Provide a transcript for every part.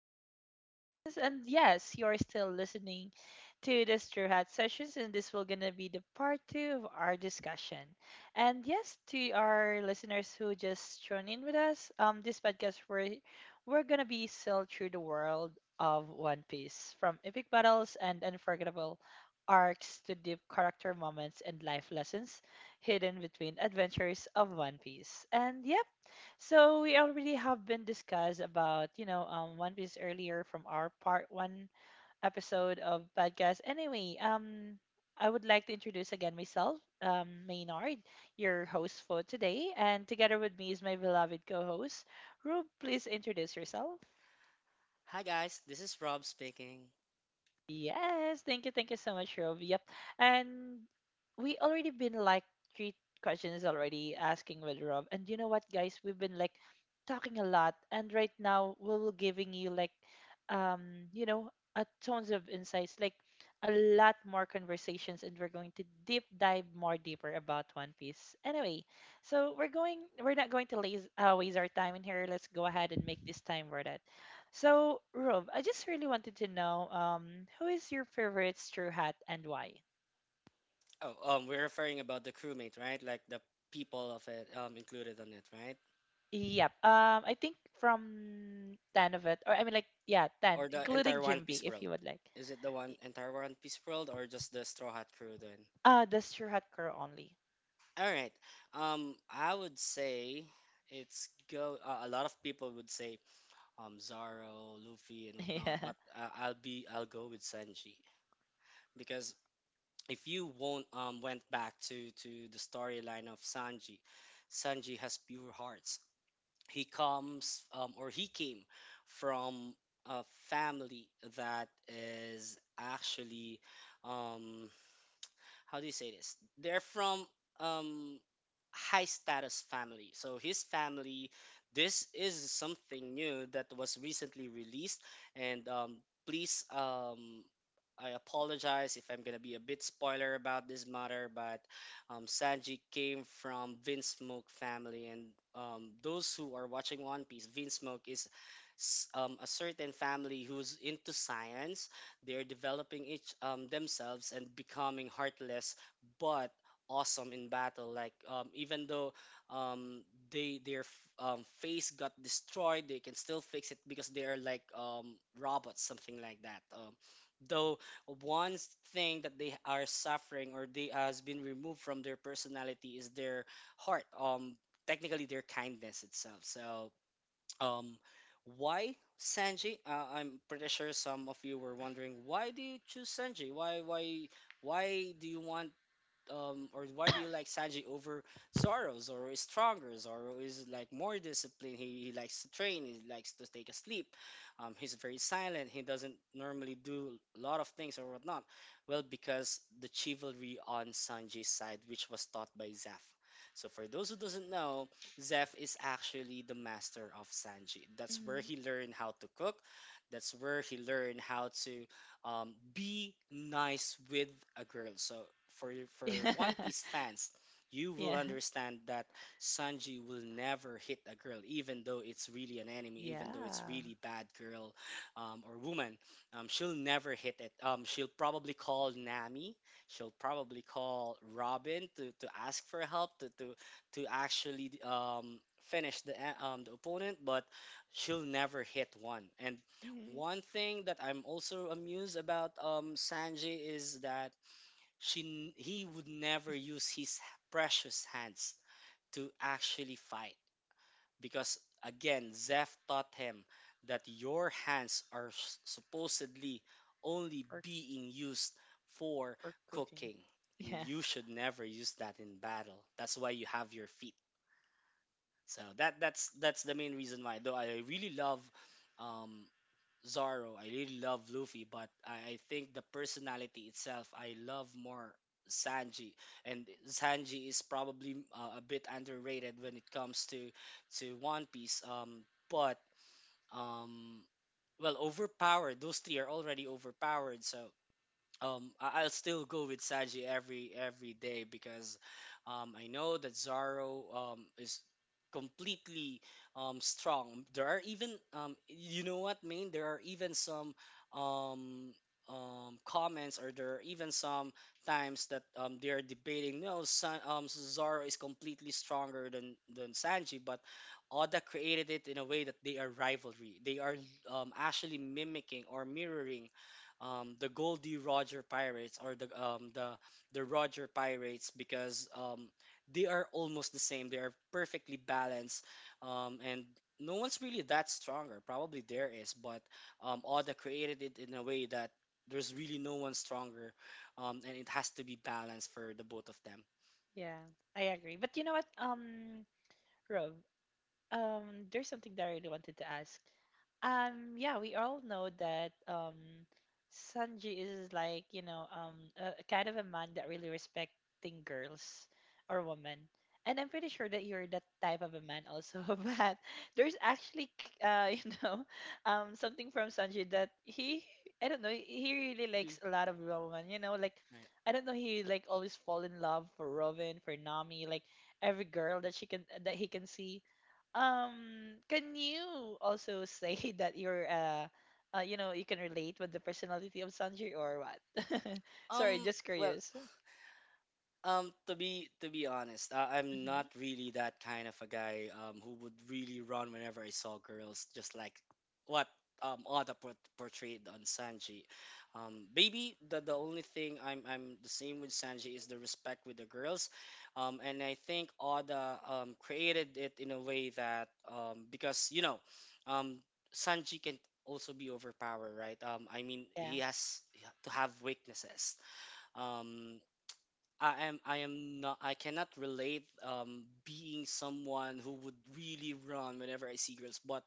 Straw Hat Sessions. And yes, you're still listening to the Straw Hat Sessions, and this will gonna be the part two of our discussion. And yes, to our listeners who just tuned in with us, this podcast we're gonna be sailed through the world of One Piece, from epic battles and unforgettable arcs to deep character moments and life lessons hidden between adventures of One Piece. And yep. So we already have been discussed about, you know, One Piece earlier from our part one episode of podcast. Anyway, I would like to introduce again myself, Maynard, your host for today, and together with me is my beloved co-host. Rube, please introduce yourself. Hi guys, this is Rob speaking. Yes, thank you so much, Rob. Yep, and we already been like three questions already asking with Rob, and you know what, guys, we've been like talking a lot, and right now we will giving you like, um, you know, a tons of insights, like a lot more conversations, and we're going to deep dive more deeper about One Piece. Anyway, so we're not going to laze, waste our time in here. Let's go ahead and make this time worth it. So, Rob, I just really wanted to know who is your favorite Straw Hat and why? Oh, we're referring about the crewmate, right? Like the people of it, included on it, right? Yep. I think from 10 of it, or I mean, like, yeah, 10, Or the including entire One Jimby, Piece if you world? would like. Is it the one Y- entire One Piece world, or just the Straw Hat crew? Then, the Straw Hat girl only. all right. I would say it's go. A lot of people would say, Zoro, Luffy, and whatnot. Yeah. But I'll go with Sanji because if you won't, went back to the storyline of Sanji. Sanji has pure hearts. He comes or he came from a family that is actually um, how do you say this? They're from um high status family. So his family, this is something new that was recently released, and please. I apologize if I'm gonna be a bit spoiler about this matter, but Sanji came from Vinsmoke family, and those who are watching One Piece, Vinsmoke is a certain family who's into science. They're developing each themselves and becoming heartless, but awesome in battle. Like even though um, they their face got destroyed, they can still fix it because they are like robots, something like that. Though one thing that they are suffering or they has been removed from their personality is their heart. Technically their kindness itself. So um, why Sanji? I'm pretty sure some of you were wondering, why do you choose Sanji? Why do you want or why do you like Sanji over Zoro? Zoro is stronger. Zoro is like more disciplined. He likes to train. He likes to take a sleep. He's very silent. He doesn't normally do a lot of things or whatnot. Well, because the chivalry on Sanji's side, which was taught by Zeph. So for those who doesn't know, Zeph is actually the master of Sanji. That's where Mm. he learned how to cook. That's where he learned how to be nice with a girl. So for for One Yeah. Piece fans, you will Yeah. understand that Sanji will never hit a girl, even though it's really an enemy, even though it's Yeah. really bad girl or woman. She'll never hit it. She'll probably call Nami. She'll probably call Robin to ask for help to actually finish the opponent, but she'll never hit one. And Mhm. one thing that I'm also amused about Yeah. Sanjay is that he would never use his precious hands to actually fight because again Zeph taught him that your hands are supposedly only For, being used for for cooking. cooking. Yeah. You should never use that in battle. That's why you have your feet. So that's the main reason why. Though I really love um, Zoro. I really love Luffy, but I think the personality itself, I love more Sanji. And Sanji is probably a bit underrated when it comes to One Piece. But um, well, overpowered. Those three are already overpowered, so I'll still go with Saji every day because I know that Zaro is completely strong. There are even you know what, Main? There are even some um, comments, or there are even some times that they are debating. No, San, Zaro is completely stronger than Sanji, but Oda created it in a way that they are rivalry. They are actually mimicking or mirroring the Goldie Roger Pirates or the Roger Pirates because they are almost the same. They are perfectly balanced, and no one's really that stronger. Probably there is, but Oda created it in a way that there's really no one stronger, and it has to be balanced for the both of them. Yeah. I agree. But you know what, Rob, there's something that I really wanted to ask. Yeah, we all know that Sanji is like, you know, a kind of a man that really respecting girls or women. And I'm pretty sure that you're that type of a man also. But there's actually, you know, something from Sanji. I don't know, he really likes a lot of women. You know, like, Right. I don't know, he like always fall in love for Robin, for Nami, like every girl that she can that he can see. Can you also say that you know, you can relate with the personality of Sanji or what? Sorry, Um. just Well, curious. to be honest, I'm not Hmm. really that kind of a guy who would really run whenever I saw girls, just like what Oda portrayed on Sanji. Maybe the only thing I'm the same with Sanji is the respect with the girls, and I think Oda created it in a way that because you know, um Sanji can also be overpowered, right? I mean Yeah. he has to have weaknesses. Um, I am not I cannot relate being someone who would really run whenever I see girls, but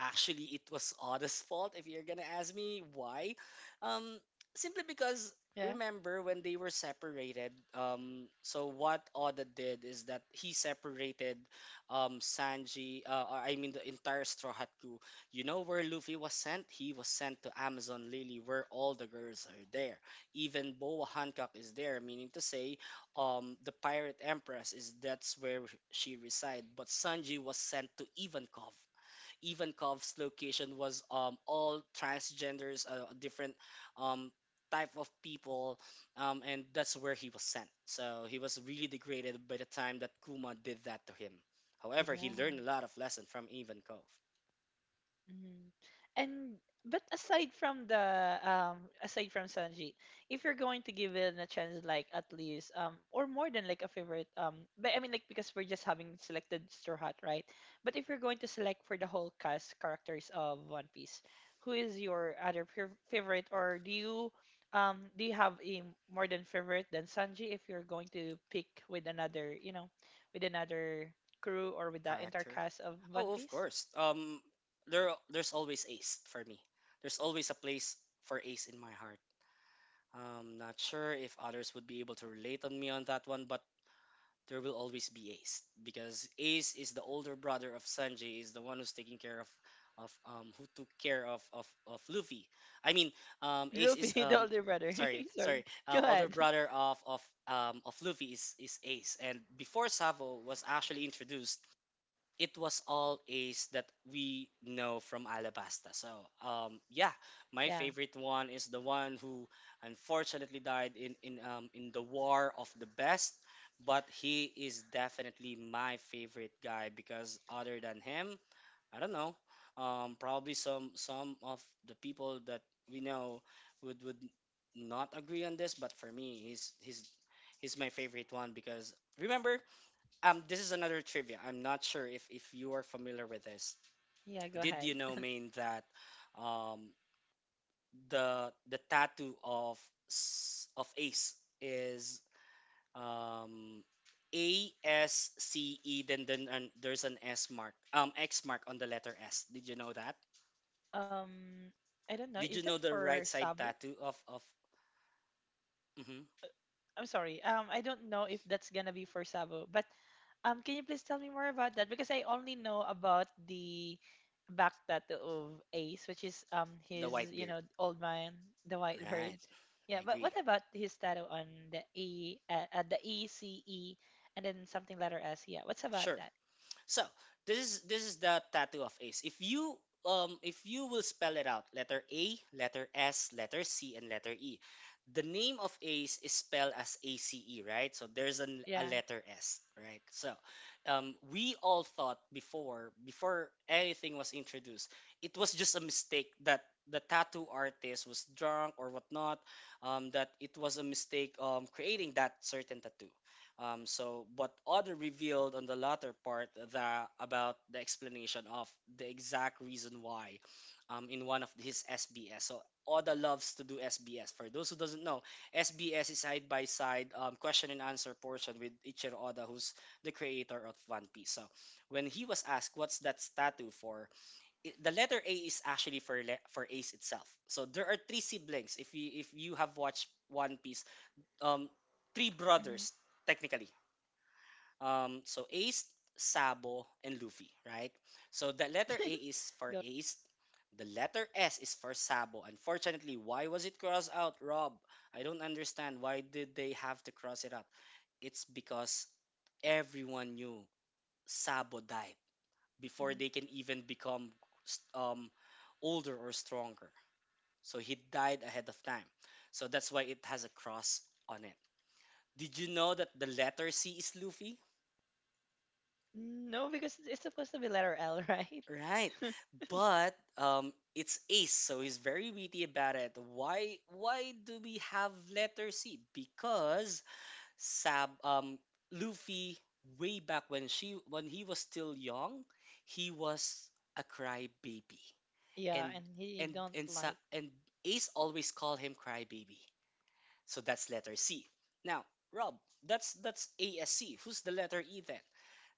actually it was Oda's fault if you're gonna ask me why. Um simply because, Yeah. remember when they were separated, so what Oda did is that he separated Sanji I mean the entire Straw Hat crew. You know where Luffy was sent? He was sent to Amazon Lily where all the girls are there, even Boa Hancock is there, meaning to say, the pirate empress is that's where she reside. But Sanji was sent to Ivankov. Ivankov's location was all transgenders, different um, type of people, and that's where he was sent. So he was really degraded by the time that Kuma did that to him. However, he Yeah. learned a lot of lesson from Ivankov Mhm. And but aside from the aside from Sanji, if you're going to give it a chance, like at least or more than like a favorite but I mean like because we're just having selected Straw Hat, right? But if you're going to select for the whole cast characters of One Piece, who is your other favorite, or do you have a more than favorite than Sanji if you're going to pick with another you know with another crew or with the entire character. cast of One Oh, of Piece? course. There's always Ace for me. There's always a place for Ace in my heart. Not sure if others would be able to relate on me on that one, but there will always be Ace because Ace is the older brother of Sanji, is the one who's taking care of who took care of Luffy. I mean, Ace is Luffy, the older brother. sorry Sorry. sorry Go older ahead. brother of of Luffy is Ace, and before Savo was actually introduced, it was all Ace that we know from Alabasta. So, yeah, my Yeah. favorite one is the one who unfortunately died in the War of the Best, but he is definitely my favorite guy because other than him, I don't know, probably some of the people that we know would not agree on this, but for me, he's my favorite one because remember this is another trivia. I'm not sure if you are familiar with this. Yeah, go Did ahead. you know, Maine, that um, the tattoo of of Ace is um, ASCE, then and there's an S mark, X mark on the letter S. Did you know that? Um, I don't know. Is Did you that know the for right side Sabu? tattoo of mhm, Uh, I'm sorry. I don't know if that's gonna be for Sabu, but can you please tell me more about that? Because I only know about the back tattoo of Ace, which is the his, white you beard? know, old man, the white bird. Right, I Yeah, but what agree. about his tattoo on the E C E and then something letter S? Yeah. What's about Sure. that? So this is the tattoo of ace. If you will spell it out, letter A, letter S, letter C, and letter E. The name of ace is spelled as ACE, right? So there's an, a Yeah. letter S, right? So we all thought before anything was introduced, it was just a mistake that the tattoo artist was drunk or whatnot, that it was a mistake creating that certain tattoo. So, but Otter revealed on the latter part that about the explanation of the exact reason why, in one of his SBS. So Oda loves to do SBS. For those who doesn't know, SBS is side by side question and answer portion with Ichiro Oda, who's the creator of One Piece. So when he was asked what's that statue for, it, the letter A is actually for Ace itself. So there are three siblings. If you have watched One Piece, um, three Mm-hmm. brothers technically, so Ace, Oh, and I Sabo, know and Luffy, that. right? So Go. the letter A is for Ace. The letter S is for Sabo. Unfortunately, why was it crossed out, Rob? I don't understand. Why did they have to cross it out? It's because Mhm. everyone knew Sabo died before they can even become um, older or stronger. So he died ahead of time. So that's why it has a cross on it. Did you know that the letter C is Luffy? No, because it's supposed to be letter L, right? Right. But it's Ace, so he's very witty about it. Why do we have letter C? Because Sab Luffy way back when she when he was still young, he was a crybaby. Yeah, And and he and don't and Sa- like. and Ace always called him crybaby. So that's letter C. Now, Rob, that's ASC. Who's the letter E then?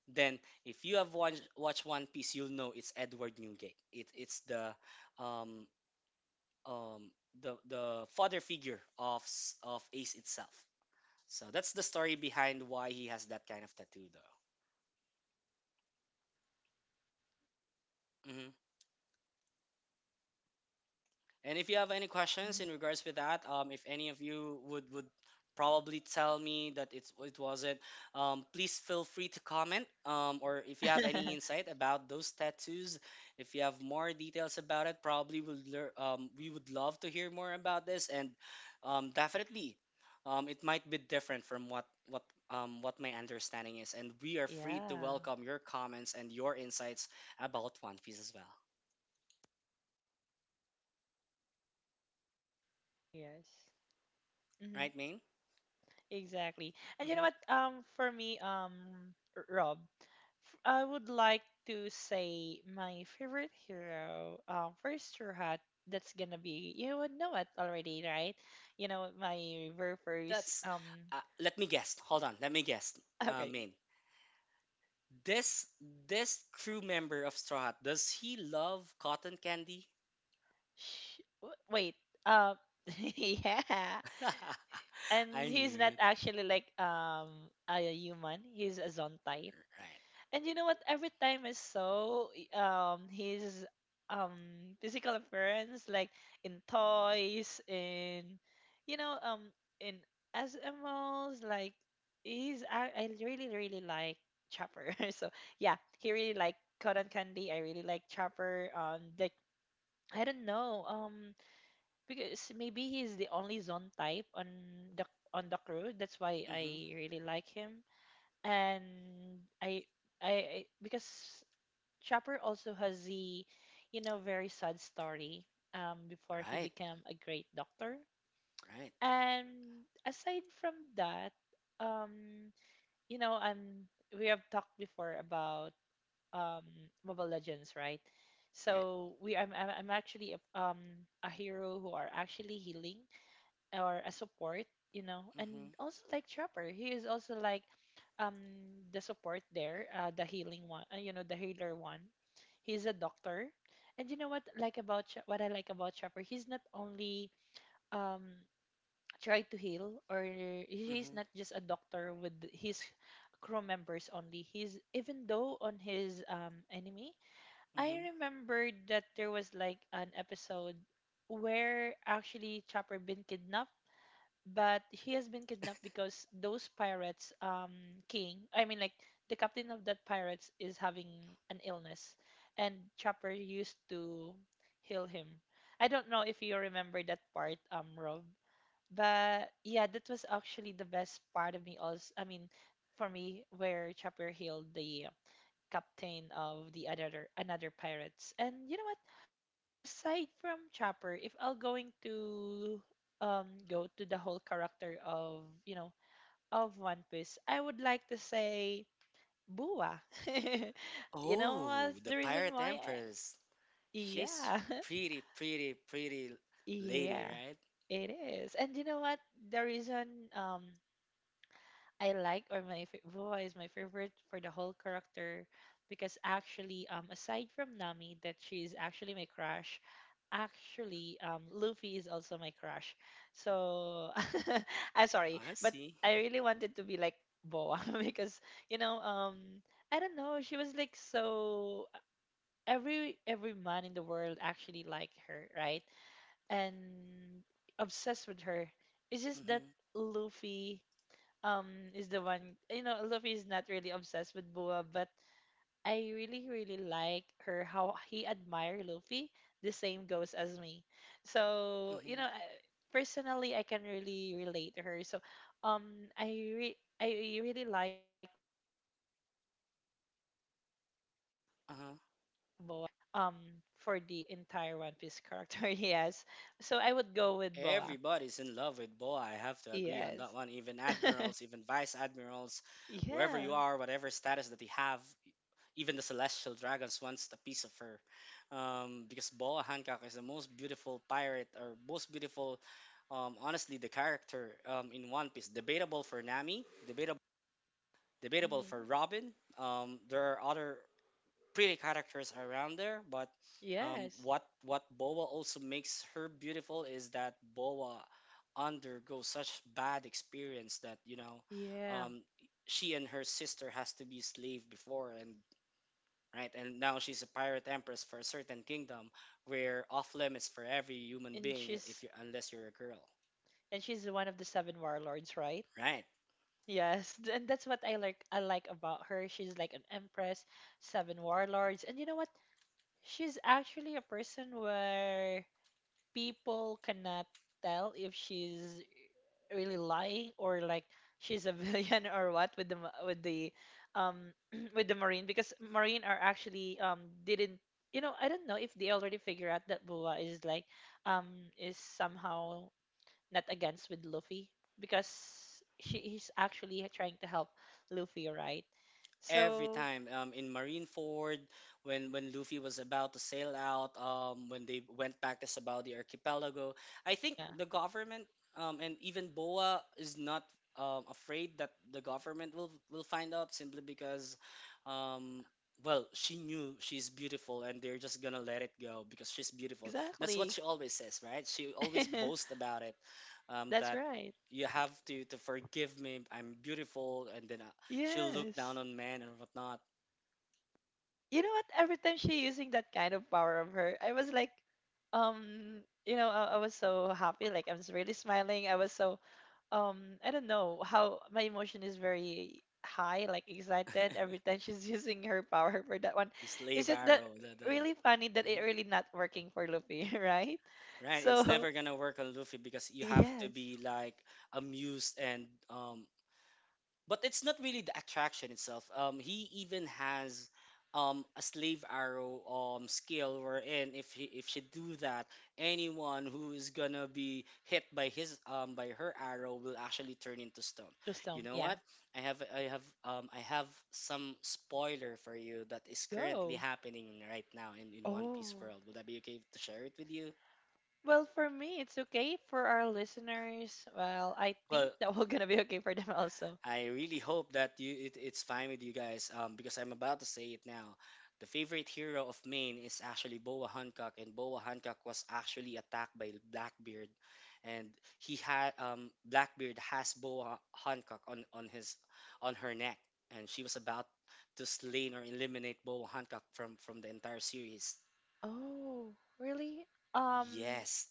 Then, if you have watched One Piece, you'll know it's Edward Newgate. It's the um, um, the father figure of Ace itself. So that's the story behind why he has that kind Mm, of tattoo, though. I see. Hmm. Mm-hmm. And if you have any questions in regards with that, if any of you would probably tell me that it wasn't, please feel free to comment. Or if you have any insight about those tattoos, if you have more details about it, we would love to hear more about this. And definitely, it might be different from what my understanding is. And we are free to Yeah. welcome your comments and your insights about One Piece as well. Yes. Right, Hmm. Main? Exactly. And you know hmm what? For me, Rob, I would like to say my favorite hero, first straw hat. That's gonna be you would know it already, right? You know my very first That's Let me guess. Hold on, let me guess. Okay, Main. This this crew member of Straw Hat, does he love cotton candy? Wait. Um, yeah. And I knew he's not it. actually like a human. He's a Zontai. Right. And you know what? Every time I saw his um physical appearance, like in toys, in you know um in SMOs, like I really really like Chopper. So yeah, he really like Cotton Candy. I really like Chopper. Like I don't know because maybe he's the only zone type the on the crew. That's why Mm-hmm. I really like him. And I because Chopper also has the, you know, very sad story before he Right. became a great doctor. Right. And aside from that, um, you know, I'm we have talked before about um, Mobile Legends, right? Right. So we, I'm actually a hero who are actually healing or a support, you know, and Mm-hmm. also like Trapper, he is also like um the support there, the healing one, you know, the healer one. He's a doctor, and you know what like about what I like about Trapper, he's not only um try to heal or he's Mm-hmm. not just a doctor with his crew members only. He's even though on his enemy, I Mm-hmm. remember that there was like an episode where actually Chopper been kidnapped but he has been kidnapped because those pirates king I mean like the captain of that pirates is having an illness and Chopper used to heal him. I don't know if you remember that part Rob, but yeah that was actually the best part of me also. I mean, for me where Chopper healed the captain of the other another pirates. And you know what, aside from Chopper, if I'll going to go to the whole character of you know of One Piece, I would like to say Bua. You know Oh, what's the the reason pirate why? Empress. She's Yeah, pretty, pretty, pretty lady, yeah, right? it is. And you know what? The reason um I like or my Bua is my favorite for the whole character because actually aside from Nami that she's actually my crush, actually, Luffy is also my crush. So I'm sorry, I but see. I really wanted to be like Boa because you know, I don't know, she was like so every man in the world actually liked her, right? And obsessed with her. It's just that Mm-hmm. Luffy is the one you know, Luffy is not really obsessed with Boa, but I really, really like her how he admire Luffy. The same goes as me. So you Mm-hmm. know, personally, I can really relate to her. So, um, I I really like Boa, and she's actually my favorite character for the Uh-huh. whole character. Um, for the entire One Piece character, yes. So I would go with Boa. Everybody's in love with Boa. I have to agree on that Yes. one. Even admirals, even vice admirals, wherever Yeah. you are, whatever status that you have, even the celestial dragons wants a piece of her. Because Boa Hancock is the most beautiful pirate, or most beautiful, honestly, the character, in One Piece. Debatable for Nami, debatable, debatable for Hmm. Robin. There are other pretty characters around there. But Yes. what Boa also makes her beautiful is that Boa undergoes such bad experience that, Yeah. um, she and her sister has to be slave before. And right, and now she's a pirate empress for a certain kingdom where off limits for every human And being, if you unless you're a girl. She's one of the seven warlords, right? Right. Yes, and that's what I like about her. She's like an empress, seven warlords, and you know what? She's actually a person where people cannot tell if she's really lying or like she's a villain or what with the with the um with the marine because marine are actually didn't you know I don't know if they already figure out that Bua is like um is somehow not against with Luffy because she is actually trying to help Luffy, right? Every So, time, in Marineford, when Luffy was about to sail out, when they went back to Sabao the archipelago, I think yeah, the government, and even Boa is not, afraid that the government will find out simply because, um, well, she knew she's beautiful and they're just gonna let it go because she's beautiful. That's what exactly. she always says, right, she always boasts about it, That's that right. you have to forgive me, I'm beautiful. And then she'll look down Yes. on men and whatnot. You know what? Every time she using that kind of power of her, I was like, you know, I was so happy. Like I was really smiling. I was so um I don't know how my emotion is very high, like excited every time she's using her power for that one. The It's slave just that arrow, the the. really funny that it Mhm. really not working for Luffy, right? Right, it's So never gonna work on Luffy because you have to yes, be like amused and but it's not really the attraction itself. He even has a slave arrow skill wherein if she do that, anyone who is gonna be hit by her arrow will actually turn into stone. to You stone, know yeah, what? I have some spoiler for you that is currently go. happening right now in One Piece Oh. world. Would that be okay to share it with you? Well, for me, it's okay. For our listeners, well, I think Well, that we're gonna be okay for them also. I really hope that it's fine with you guys, because I'm about to say it now. The favorite hero of Maine is actually Boa Hancock, and Boa Hancock was actually attacked by Blackbeard, and he had Blackbeard has Boa Hancock on her neck, and she was about to slay or eliminate Boa Hancock from the entire series. Oh, really? Um, Yes,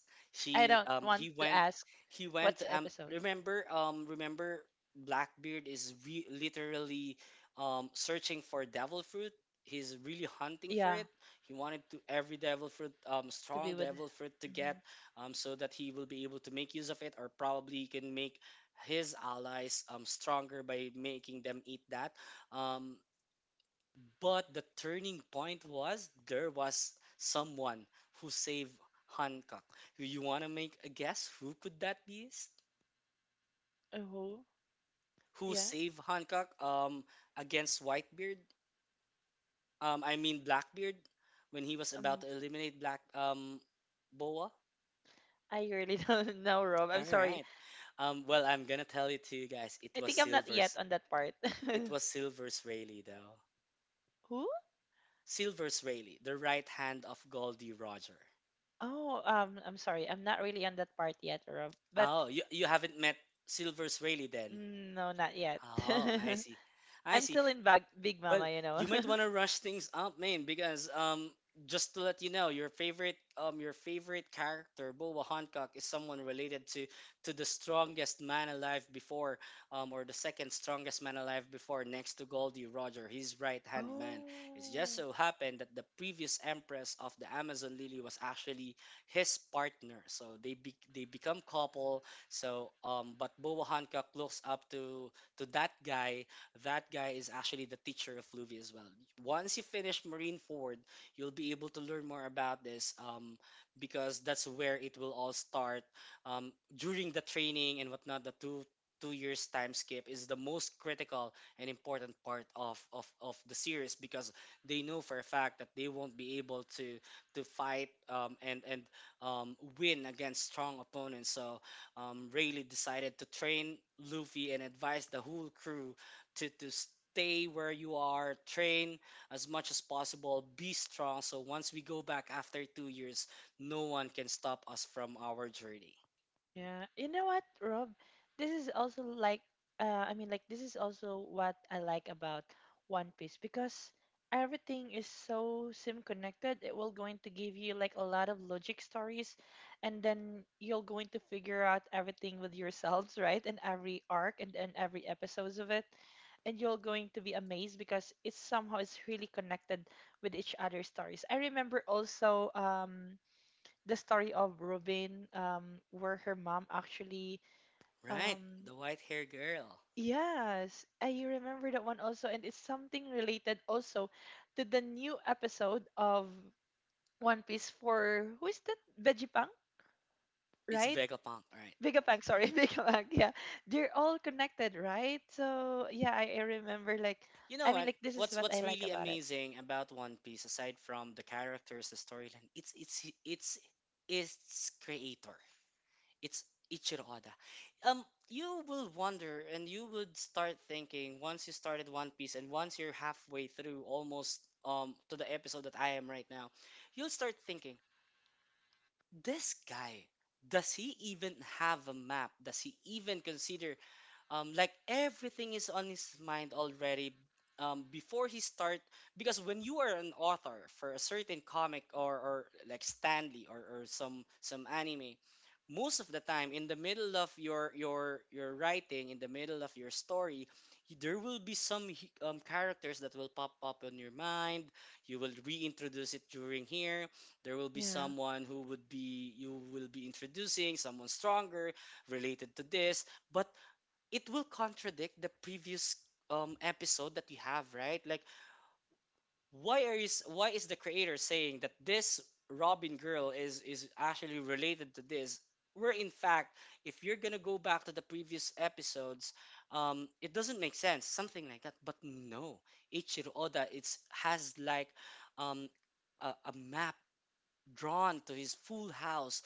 I she don't want he to went. ask what's the episode. Remember, Blackbeard is literally, searching for devil fruit. He's really hunting for Yeah, it. He wanted to every devil fruit, to be strong with. devil fruit to get, Mhm. So that he will be able to make use of it, or probably he can make his allies, stronger by making them eat that. Um but the turning point was, there was someone who saved Hancock. Do you want to make a guess who could that be? Oh, Who yeah. saved Hancock, against Whitebeard? I mean Blackbeard, when he was about Um, to eliminate Black Boa. I really don't know, Rob. I'm All sorry. right. Well, I'm going to tell it to you guys. I think I'm not yet on that part. It was Silver's Rayleigh though. Who? Silver's Rayleigh, the right hand of Goldie Roger. Oh, I'm sorry. I'm not really on that part yet, Rob. But Oh, you haven't met Silver's Rayleigh then. mm, no, not yet. Oh, I see. I I'm see. still in Big Well, Mama, you know. you might want to rush things up, man, because, just to let you know, your favorite character, Boba Hancock, is someone related to the strongest man alive before, or the second strongest man alive before, next to Goldie Roger, his right hand man. It just Oh. so happened that the previous Empress of the Amazon Lily was actually his partner, so they become couple. So, but Boba Hancock looks up to that guy. That guy is actually the teacher of Luffy as well. Once you finish Marine Ford, you'll be able to learn more about this, because that's where it will all start. During the training and whatnot, the two years time skip is the most critical and important part of the series because they know for a fact that they won't be able to fight, and win against strong opponents. So, Rayleigh decided to train Luffy and advise the whole crew to stay where you are, train as much as possible, be strong. So once we go back after 2 years, no one can stop us from our journey. Yeah, you know what, Rob? This is also like, this is also what I like about One Piece because everything is so sim connected. It will going to give you like a lot of logic stories, and then you're going to figure out everything with yourselves, right? And every arc and every episodes of it. And you're going to be amazed because it's somehow it's really connected with each other's stories. I remember also, the story of Robin, where her mom actually, Right? um, The white hair girl. yes, I remember that one also, and it's something related also to the new episode of One Piece for who is that? Vegapunk, It's right? Vegapunk, right? Vegapunk, sorry, Vegapunk. Yeah, they're all connected, right? So yeah, I remember, like, You know I mean, what? like, this is What's what what's I like really about it. amazing about One Piece, aside from the characters, the storyline, it's its creator. It's Ichiro Oda. You will wonder and you would start thinking once you started One Piece and once you're halfway through almost, to the episode that I am right now. You'll start thinking, this guy, does he even have a map? Does he even consider, like everything is on his mind already, before he start. Because when you are an author for a certain comic, or like stanley, or some anime, most of the time in the middle of your writing, in the middle of your story, there will be characters that will pop up on your mind. You will reintroduce it during here. There will be Yeah, someone, who would be you will be introducing someone stronger related to this, but it will contradict the previous, episode that you have, right, like, why are you s- why is the creator saying that this robin girl is actually related to this, where in fact, if you're gonna go back to the previous episodes, it doesn't make sense, something like that. But no, Ichiro Oda, it's has like, um a map drawn to his full house,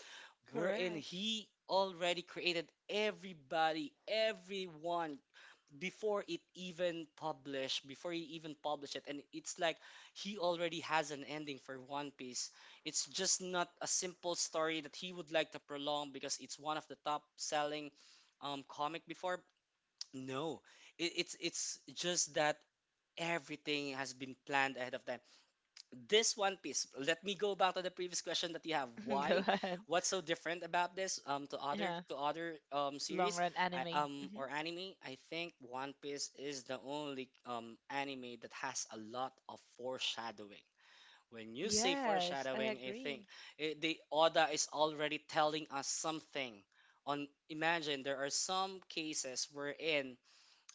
wherein correct. he already created everybody everyone before it even published, before he even published it. And it's like he already has an ending for One Piece. It's just not a simple story that he would like to prolong because it's one of the top selling, comic before. No, it's just that everything has been planned ahead of time, this One Piece. Let me go back to the previous question that you have. Go Why? ahead. What's so different about this, Yeah, to other, long series? run anime. Hmm. Or anime? I think One Piece is the only, anime that has a lot of foreshadowing. When you say Yes, I foreshadowing, I think, agree. The Oda is already telling us something. On Imagine there are some cases wherein,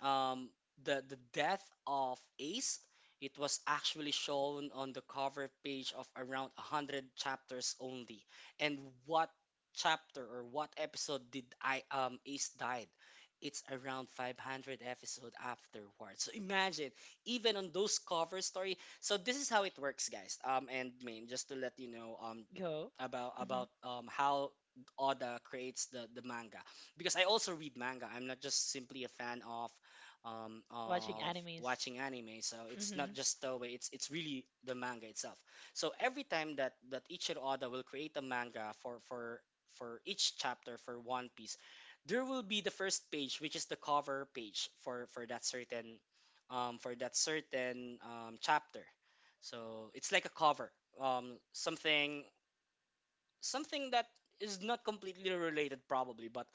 um, the death of Ace. It was actually shown on the cover page of around 100 chapters only. And what chapter or what episode did, I Ace died? It's around 500 episode afterwards. So imagine, even on those cover story. So this is how it works, guys. And main, just to let you know, Go. Hmm. about, how Oda creates the manga, because I also read manga. I'm not just simply a fan of, Watching of animes. watching anime. So it's not Hmm. just the way, it's really the manga itself. So every time that Ichiro Oda will create a manga for each chapter for One Piece, there will be the first page which is the cover page for that certain, for that certain, chapter. So it's like a cover, um, something something that is not completely related probably, but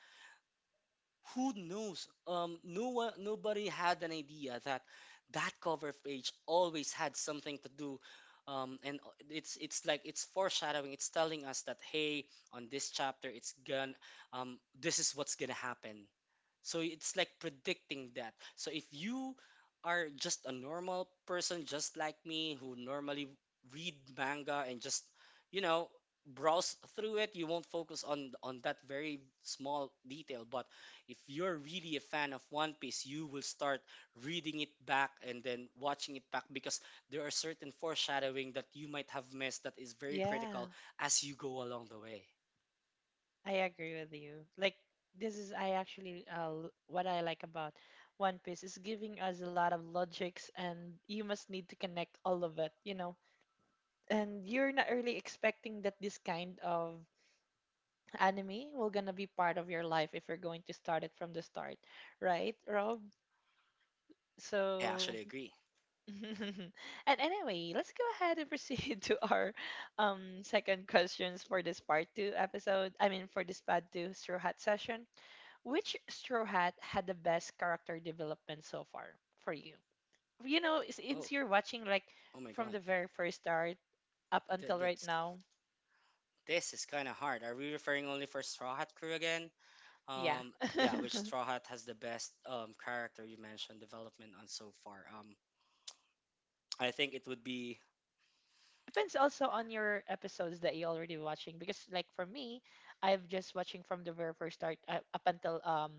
who knows, no one nobody had an idea that that cover page always had something to do, and it's like it's foreshadowing, it's telling us that, hey, on this chapter it's gonna, this is what's gonna happen. So it's like predicting that. So if you are just a normal person, just like me, who normally read manga and just, you know, browse through it, you won't focus on that very small detail. But if you're really a fan of One Piece, you will start reading it back and then watching it back because there are certain foreshadowing that you might have missed that is very Yeah, critical as you go along the way. I agree with you. Like, this is I actually what I like about One Piece is giving us a lot of logics, and you must need to connect all of it. And you're not really expecting that this kind of anime will gonna be part of your life if you're going to start it from the start, right, Rob? I So actually agree. and anyway, let's go ahead and proceed to our second questions for this part two episode. I mean, for this part two straw hat session. Which straw hat had the best character development so far for you? You know, since Oh, you're watching like oh my from God. the very first start up That, until that. right now, This is kind of hard. Are we referring only for Straw Hat crew again? yeah. Yeah, which Straw Hat has the best, character you mentioned development on so far? I think it would be, Depends also on your episodes that you're already watching because, like for me, I'm just watching from the very first start up until um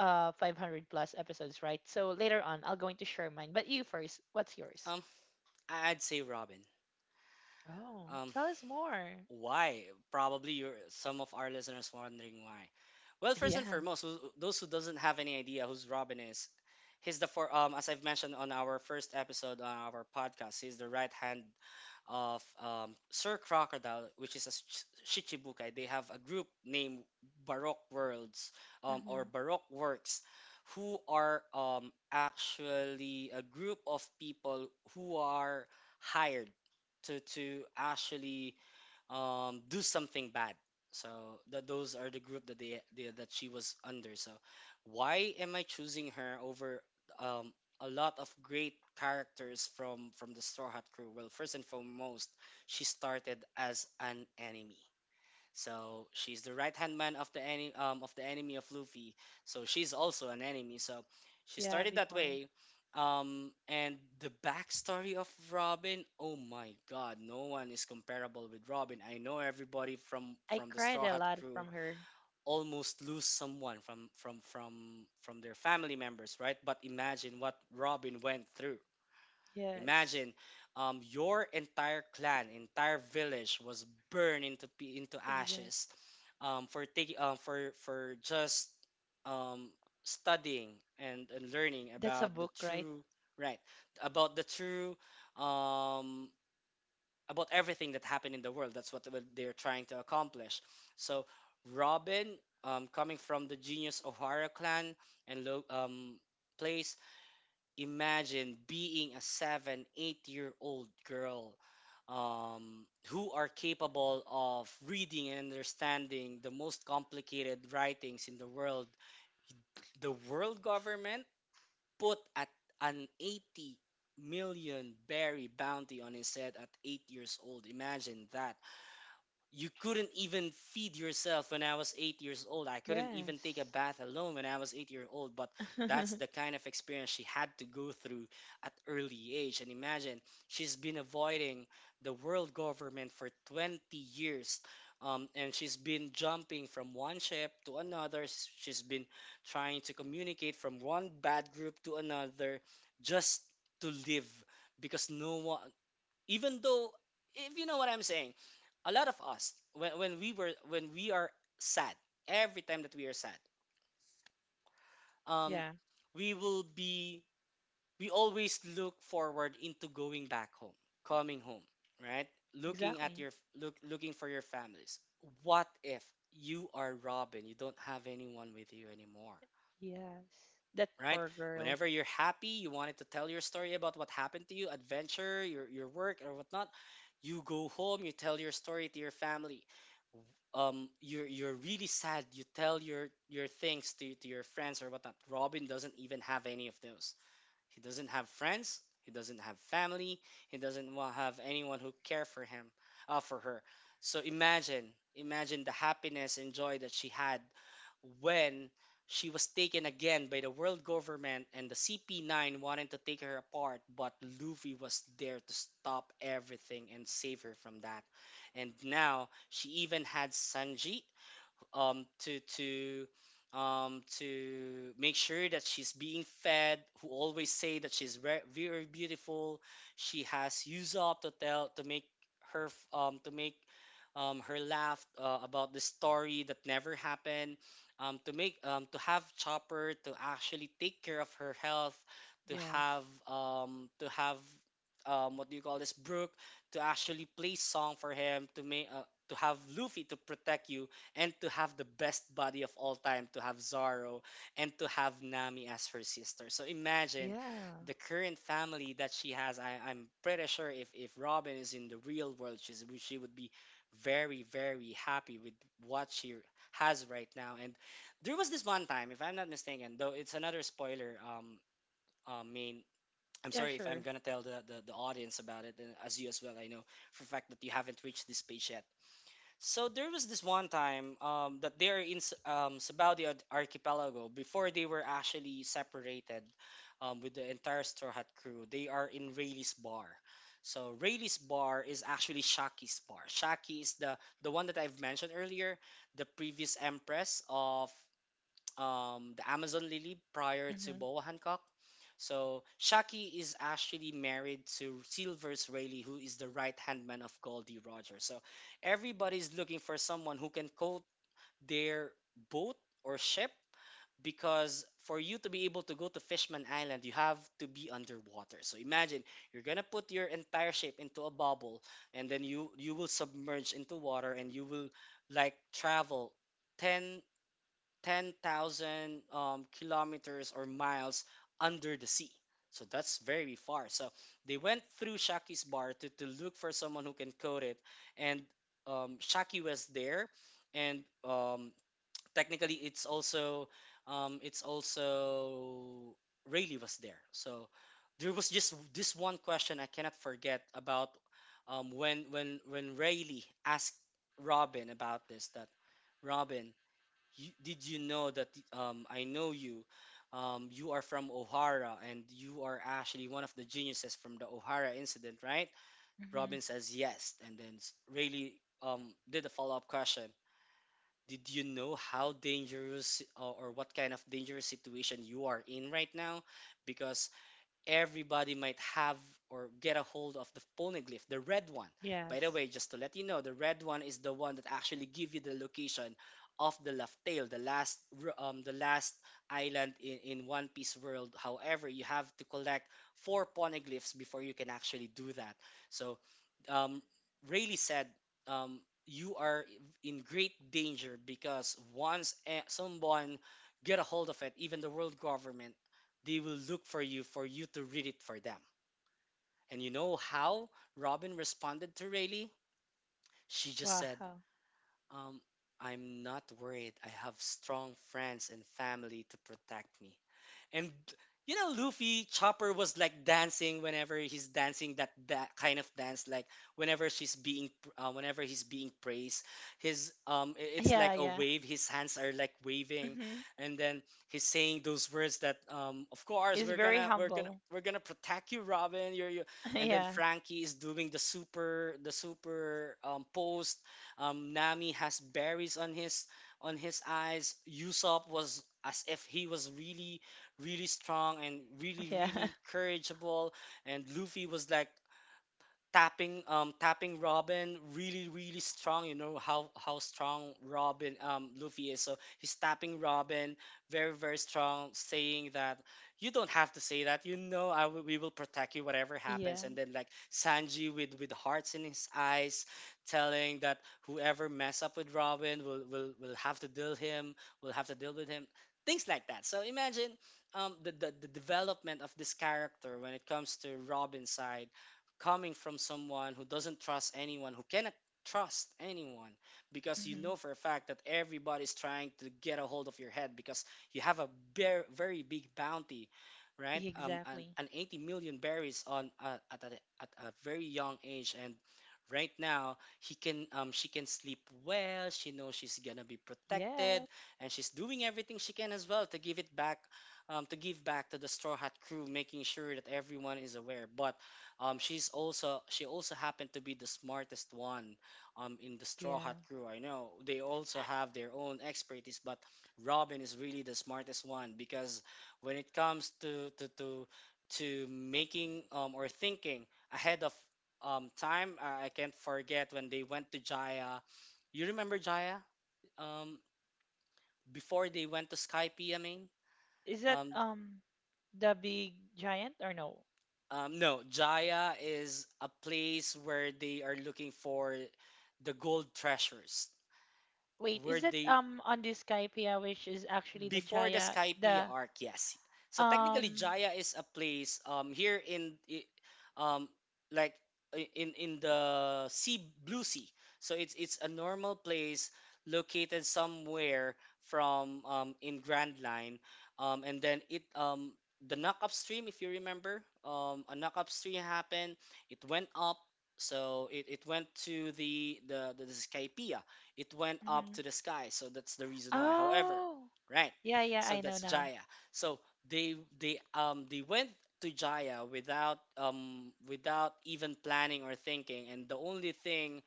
uh 500 plus episodes, right? So later on, I'll going to share mine. But you first, what's yours? um I'd say Robin. Oh, Um, tell us more. why? Probably your some of our listeners wondering why. Well, first and Yeah. foremost, who, those who doesn't have any idea who's Robin is, he's the for as I've mentioned on our first episode on our podcast, he's the right hand of Sir Crocodile, which is a Shichibukai. They have a group named Baroque Worlds, or Hmm. Baroque Works, who are actually a group of people who are hired to actually, do something bad. So that those are the group that they that she was under. So why am I choosing her over, um, a lot of great characters from the Straw Hat crew? Well, first and foremost, she started as an enemy. So she's the right hand man of the enemy, of the enemy of Luffy. So she's also an enemy. So she Yeah, started that before. way. And the backstory of Robin, oh my God, no one is comparable with Robin. I know everybody from I from the cried Straw a Hat lot crew from her. almost lose someone from their family members, right? But imagine what Robin went through. Yes, Imagine, your entire clan, entire village was burned into into exactly. ashes, for taking for just um, studying and learning That's a about the book, right? true, right, about the true, um, about everything that happened in the world. That's what they're trying to accomplish. So Robin, coming from the genius O'Hara clan and place, imagine being a seven, 8 year old girl, who are capable of reading and understanding the most complicated writings in the world. The world government put at an 80 million berry bounty on his head at 8 years old. Imagine that you couldn't even feed yourself when I was 8 years old. I couldn't even take a Yes. bath alone when I was 8 years old. But that's the kind of experience she had to go through at early age. And imagine she's been avoiding the world government for 20 years. And she's been jumping from one ship to another. She's been trying to communicate from one bad group to another, just to live. Because no one, even though, if you know what I'm saying, a lot of us when we are sad, every time that we are sad, um Yeah, we will be, we always look forward into going back home, coming home, right, looking at exactly. your, looking for your families. What if you are Robin? You don't have anyone with you anymore, Yes. That right? poor girl. Whenever you're happy, you wanted to tell your story about what happened to you, adventure, your work, or whatnot, you go home, you tell your story to your family. You're really sad, you tell your things to your friends or whatnot. Robin doesn't even have any of those. He doesn't have friends. He doesn't have family. He doesn't have anyone who care for him, for her. So imagine, imagine the happiness and joy that she had when she was taken again by the world government and the CP9 wanted to take her apart, but Luffy was there to stop everything and save her from that. And now she even had Sanji, um to to to make sure that she's being fed, who always say that she's very beautiful, she has used up to tell to make her to make, her laugh, about the story that never happened, to make, to have Chopper to actually take care of her health, to Yes. have, to have, what do you call this, Brooke, to actually play song for him to make, to have Luffy to protect you, and to have the best body of all time, to have Zoro, and to have Nami as her sister. So imagine Yeah. the current family that she has. I'm pretty sure if Robin is in the real world, she's, she would be very, very happy with what she has right now. And there was this one time, if I'm not mistaken, though it's another spoiler. Main, I'm Yeah, sorry if I'm sure. gonna tell the audience about it, and as you as well, I know for a fact that you haven't reached this page yet. So there was this one time, that they're in Sabao de Archipelago before they were actually separated, with the entire Straw Hat crew. They are in Rayleigh's bar. So Rayleigh's bar is actually Shaki's bar. Shaki is the one that I've mentioned earlier, the previous empress of, the Amazon Lily prior to Mm-hmm. Boa Hancock. So Shaki is actually married to Silvers Rayleigh, who is the right hand man of Goldie Rogers. So everybody's looking for someone who can coat their boat or ship, because for you to be able to go to Fishman Island, you have to be underwater. So imagine you're gonna put your entire ship into a bubble, and then you will submerge into water, and you will like travel ten 10,000, kilometers or miles under the sea. So that's very far. So they went through Shaki's bar to look for someone who can code it. And, Shaki was there. And technically, it's also, it's also Rayleigh was there. So there was just this one question I cannot forget about, when when Rayleigh asked Robin about this, that Robin, you, did you know that, I know you? You are from O'Hara and you are actually one of the geniuses from the O'Hara incident, right? Mm-hmm. Robin says yes, and then Rayleigh, did a follow up question. Did you know how dangerous, or what kind of dangerous situation you are in right now? Because everybody might have or get a hold of the phonoglyph, the red one. By the Yes. way, just to let you know, the red one is the one that actually give you the location of the left tail, the last the last island in One Piece world. However, you have to collect four poneglyphs before you can actually do that. So, um, Rayleigh said, um, you are in great danger because once, eh, someone get a hold of it, even the world government, they will look for you, for you to read it for them. And you know how Robin responded to Rayleigh? She just said, Wow. um, I'm not worried. I have strong friends and family to protect me. And you know, Luffy Chopper was like dancing whenever he's dancing that kind of dance, like whenever she's being, whenever he's being praised, his it's Yeah, like a yeah. wave. His hands are like waving, Mm-hmm. and then he's saying those words that, of course He's we're very gonna we're gonna humble. we're gonna protect you, Robin. And then Yeah. Frankie is doing the super, post. Nami has berries on his, on his eyes. Usopp was as if he was really, really strong and really, Yeah. really courageable, and Luffy was like tapping, tapping Robin really, really strong. You know how strong Robin, Luffy is. So he's tapping Robin very, very strong, saying that you don't have to say that. You know I will, we will protect you whatever happens. Yeah. And then like Sanji with hearts in his eyes, telling that whoever mess up with Robin will have to deal him. Will have to deal with him. Things like that. So imagine, the, the development of this character when it comes to Robin's side, coming from someone who doesn't trust anyone, who cannot trust anyone, because you Mm-hmm. know for a fact that everybody's trying to get a hold of your head because you have a very, very big bounty, right? Um, an, Exactly. an 80 million berries on, at a very young age, and right now he can, she can sleep well. She knows she's gonna be protected, Yeah. and she's doing everything she can as well to give it back, to give back to the Straw Hat crew, making sure that everyone is aware. But, she's also she also happened to be the smartest one, in the Straw Hat Yeah. crew. I know they also Uh, have their own expertise, but Robin is really the smartest one because when it comes to making, or thinking ahead of, time, I can't forget when they went to Jaya. You remember Jaya? Um, before they went to Skype, I mean, Is that um, the big giant or no? um, no, Jaya is a place where they are looking for the gold treasures, Wait, where is that they, on this Skypea, which is actually the before the Jaya, Skype the arc, yes. So technically, um Jaya is a place here in um like in the sea, blue sea. So it's a normal place located somewhere from in Grand Line, and then it, the knock up stream. If you remember, a knock up stream happened. It went up. So it went to the Skypea. It went up mhm. to the sky. So that's the reason why. However, Oh. right? Yeah, yeah, So I know that's now. Jaya. So they went to Jaya without without even planning or thinking, and the only thing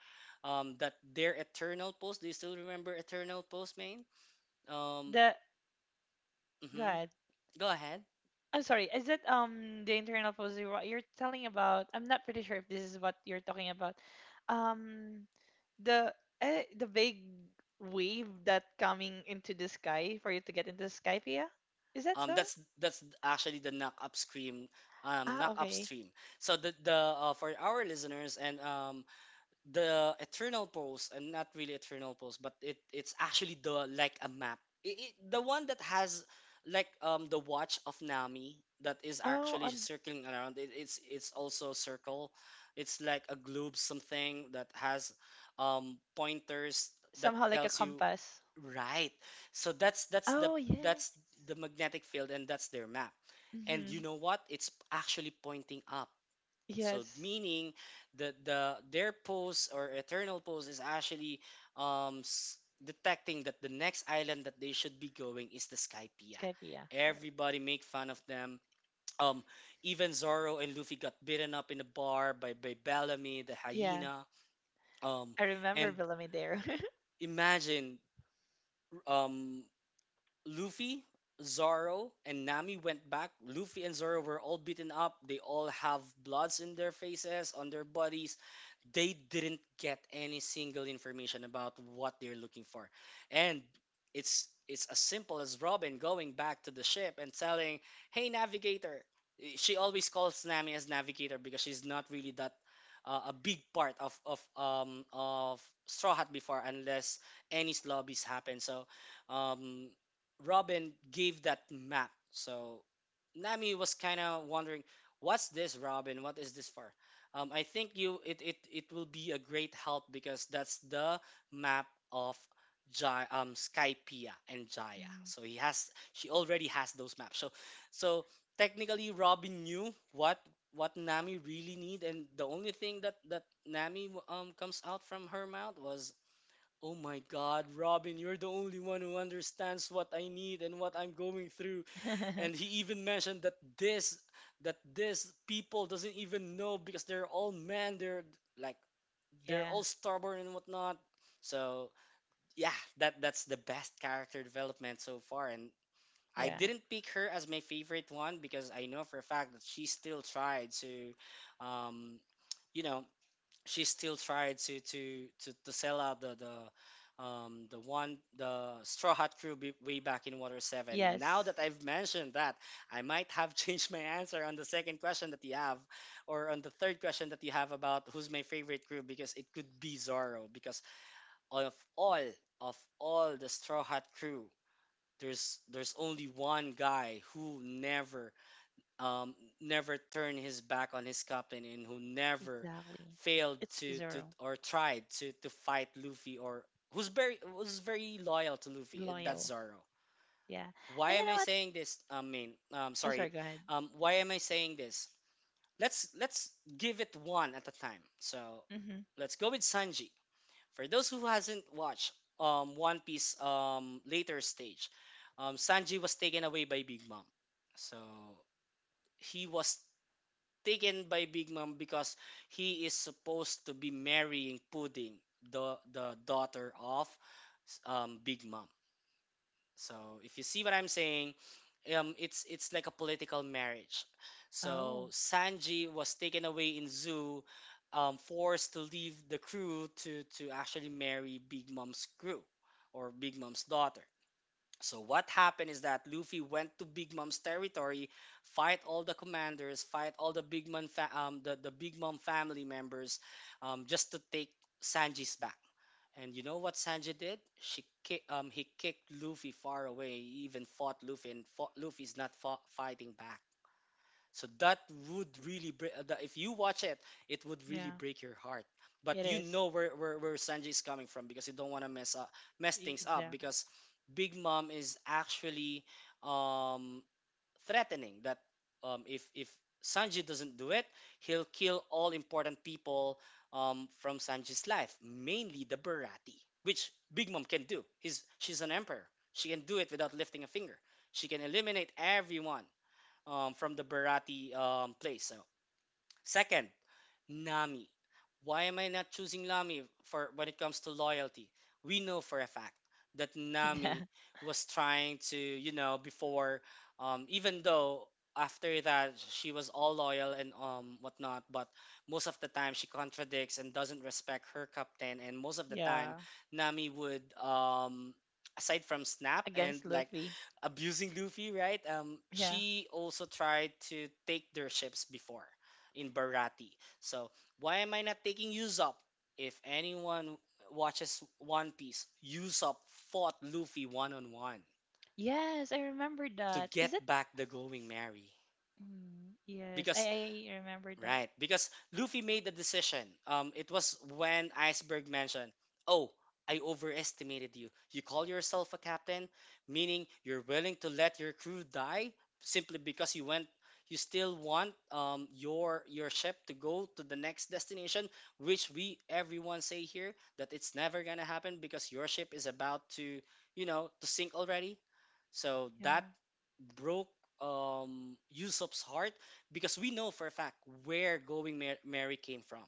that their eternal post. Do you still remember eternal post, Main? Um, The hmm God. go ahead. I'm sorry. Is it the internal positive? What you're telling about? I'm not pretty sure if this is what you're talking about. Um, the the big wave that coming into the sky for you to get into the sky, Pia? Is that so? That's actually the knock up scream, Ah, knock up okay. stream. So the for our listeners and the eternal post and not really eternal post, but it's actually the, like, a map. I it, the one that has like the watch of Nami that is Oh, actually on circling around it. It's also circle, it's like a globe, something that has pointers that somehow like a tells you, compass. right? So that's that's the Oh yes. that's the magnetic field, and that's their map. And Mm-hmm. you know what, it's actually pointing up, so Yes. meaning that the their pose or eternal pose is actually detecting that the next island that they should be going is the Skypea. Skypea, correct. Everybody make fun of them. Um, even Zoro and Luffy got beaten up in a bar by Bellamy, the Yeah, hyena. Um, I remember and Bellamy there. imagine, um, Luffy, Zoro, and Nami went back. Luffy and Zoro were all beaten up. They all have bloods in their faces, on their bodies. They didn't get any single information about what they're looking for, and it's as simple as Robin going back to the ship and telling, "Hey, navigator." She always calls Nami as navigator because she's not really that a big part of of Straw Hat before unless any lobbies happen. So um Robin gave that map, so Nami was kind of wondering, what's this, Robin, what is this for? I think you it, it it will be a great help because that's the map of Jai, Skypea and Jaya. Mhm. So he has she already has those maps. So so technically Robin knew what Nami really need, and the only thing that Nami comes out from her mouth was, "Oh my God, Robin, you're the only one who understands what I need and what I'm going through." And he even mentioned that this people doesn't even know because they're all men. They're like, they're Yeah, all stubborn and whatnot. So yeah, that's the best character development so far. And I yeah. didn't pick her as my favorite one because I know for a fact that she still tried to um you know she still tried to to sell out the one the Straw Hat crew be, way back in Water 7. Now Yes, that I've mentioned that, I might have changed my answer on the second question that you have, or on the third question that you have about who's my favorite crew, because it could be Zorro. Because of all of all the Straw Hat crew, there's only one guy who never, um, never turned his back on his captain, and who never exactly. failed It's to zero. or tried to fight Luffy, or who's very was very loyal to Luffy. That's Loyal. Zoro. Yeah. Why And you am know I what? saying this? I mean, Oh, sorry, sorry. go ahead. Why am I saying this? Let's give it one at a time. So Mm-hmm. let's go with Sanji. For those who hasn't watched One Piece later stage, Sanji was taken away by Big Mom. So he was taken by Big Mom because he is supposed to be marrying Pudding, the daughter of Big Mom. So if you see what I'm saying, it's like a political marriage. Oh, So Sanji was taken away in zoo, forced to leave the crew to actually marry Big Mom's crew or Big Mom's daughter. So what happened is that Luffy went to Big Mom's territory, fight all the commanders, fight all the Big Mom, the Big Mom family members, just to take Sanji's back. And you know what Sanji did? He kicked Luffy far away. He even fought Luffy, and fought, Luffy's not fought, fighting back. So that would really break. That if you watch it, it would really yeah. break your heart. But It you is. know where where Sanji is coming from, because you don't want to mess up mess things up, Exactly. because Big Mom is actually um, threatening that if Sanji doesn't do it, he'll kill all important people from Sanji's life, mainly the Barati, which Big Mom can do. He's she's an emperor. She can do it without lifting a finger. She can eliminate everyone from the Barati place. So, second, Nami. Why am I not choosing Nami for when it comes to loyalty? We know for a fact that Yeah. Nami was trying to, you know, before, even though after that she was all loyal and whatnot, but most of the time she contradicts and doesn't respect her captain, and most of the time Yeah. Nami would aside from snap and, Against like, Luffy. abusing Luffy, right? Yeah. She also tried to take their ships before in Barati. So why am I not taking Usopp? If anyone watches One Piece, Usopp fought Luffy one on one Yes, I remember to that. Is it? get back the Going Merry Mm, yes, I, because I remember that. right, because Luffy made the decision. It was when Iceberg mentioned, "Oh, I Hmm. overestimated you. You call yourself a captain, meaning you're willing to let your crew die simply because you went. You still want your ship to go to the next destination, which we everyone say here that it's never gonna happen because your ship is about to, you know, to sink already." So that Yeah. broke Usopp's heart, because we know for a fact where Mary came from.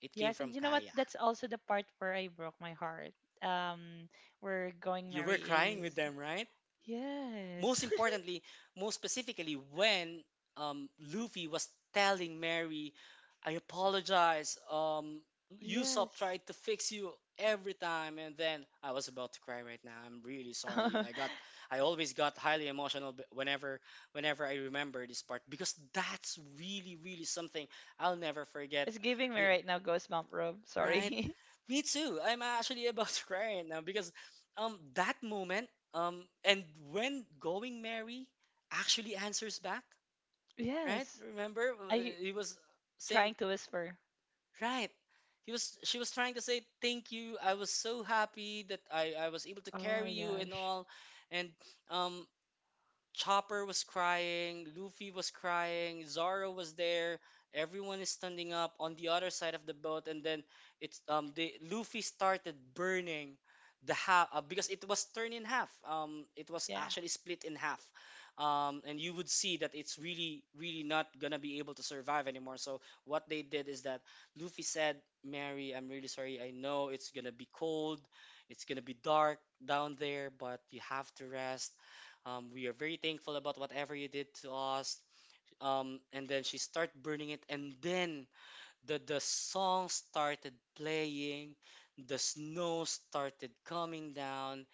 It came Yes, from and you know what? Kaya. That's also the part where I broke my heart. Um, where going You were Merry crying with is. them, right? Yes. Most importantly, most specifically, when um, Luffy was telling Mary, "I apologize, Usopp Yes. tried to fix you every time," and then I was about to cry right now. I'm really sorry. I always got highly emotional whenever, whenever I remember this part, because that's really, really something I'll never forget It's giving me it, right now ghost mom robe. right? Sorry. Me too. I'm actually about to cry right now because that moment and when Going Mary actually answers back, right? Yes. Remember I he was saying, trying to whisper. right. He was she was trying to say thank you. I was so happy that I was able to Oh my carry you and gosh. all, and um Chopper was crying, Luffy was crying, Zoro was there. Everyone is standing up on the other side of the boat, and then it's the Luffy started burning the half because it was turned in half. It was Yeah. actually split in half. And you would see that it's really, really not gonna be able to survive anymore. So what they did is that Luffy said, "Mary, I'm really sorry. I know it's gonna be cold, it's gonna be dark down there, but you have to rest. We are very thankful about whatever you did to us." And then she started burning it, and then the song started playing, the snow started coming down.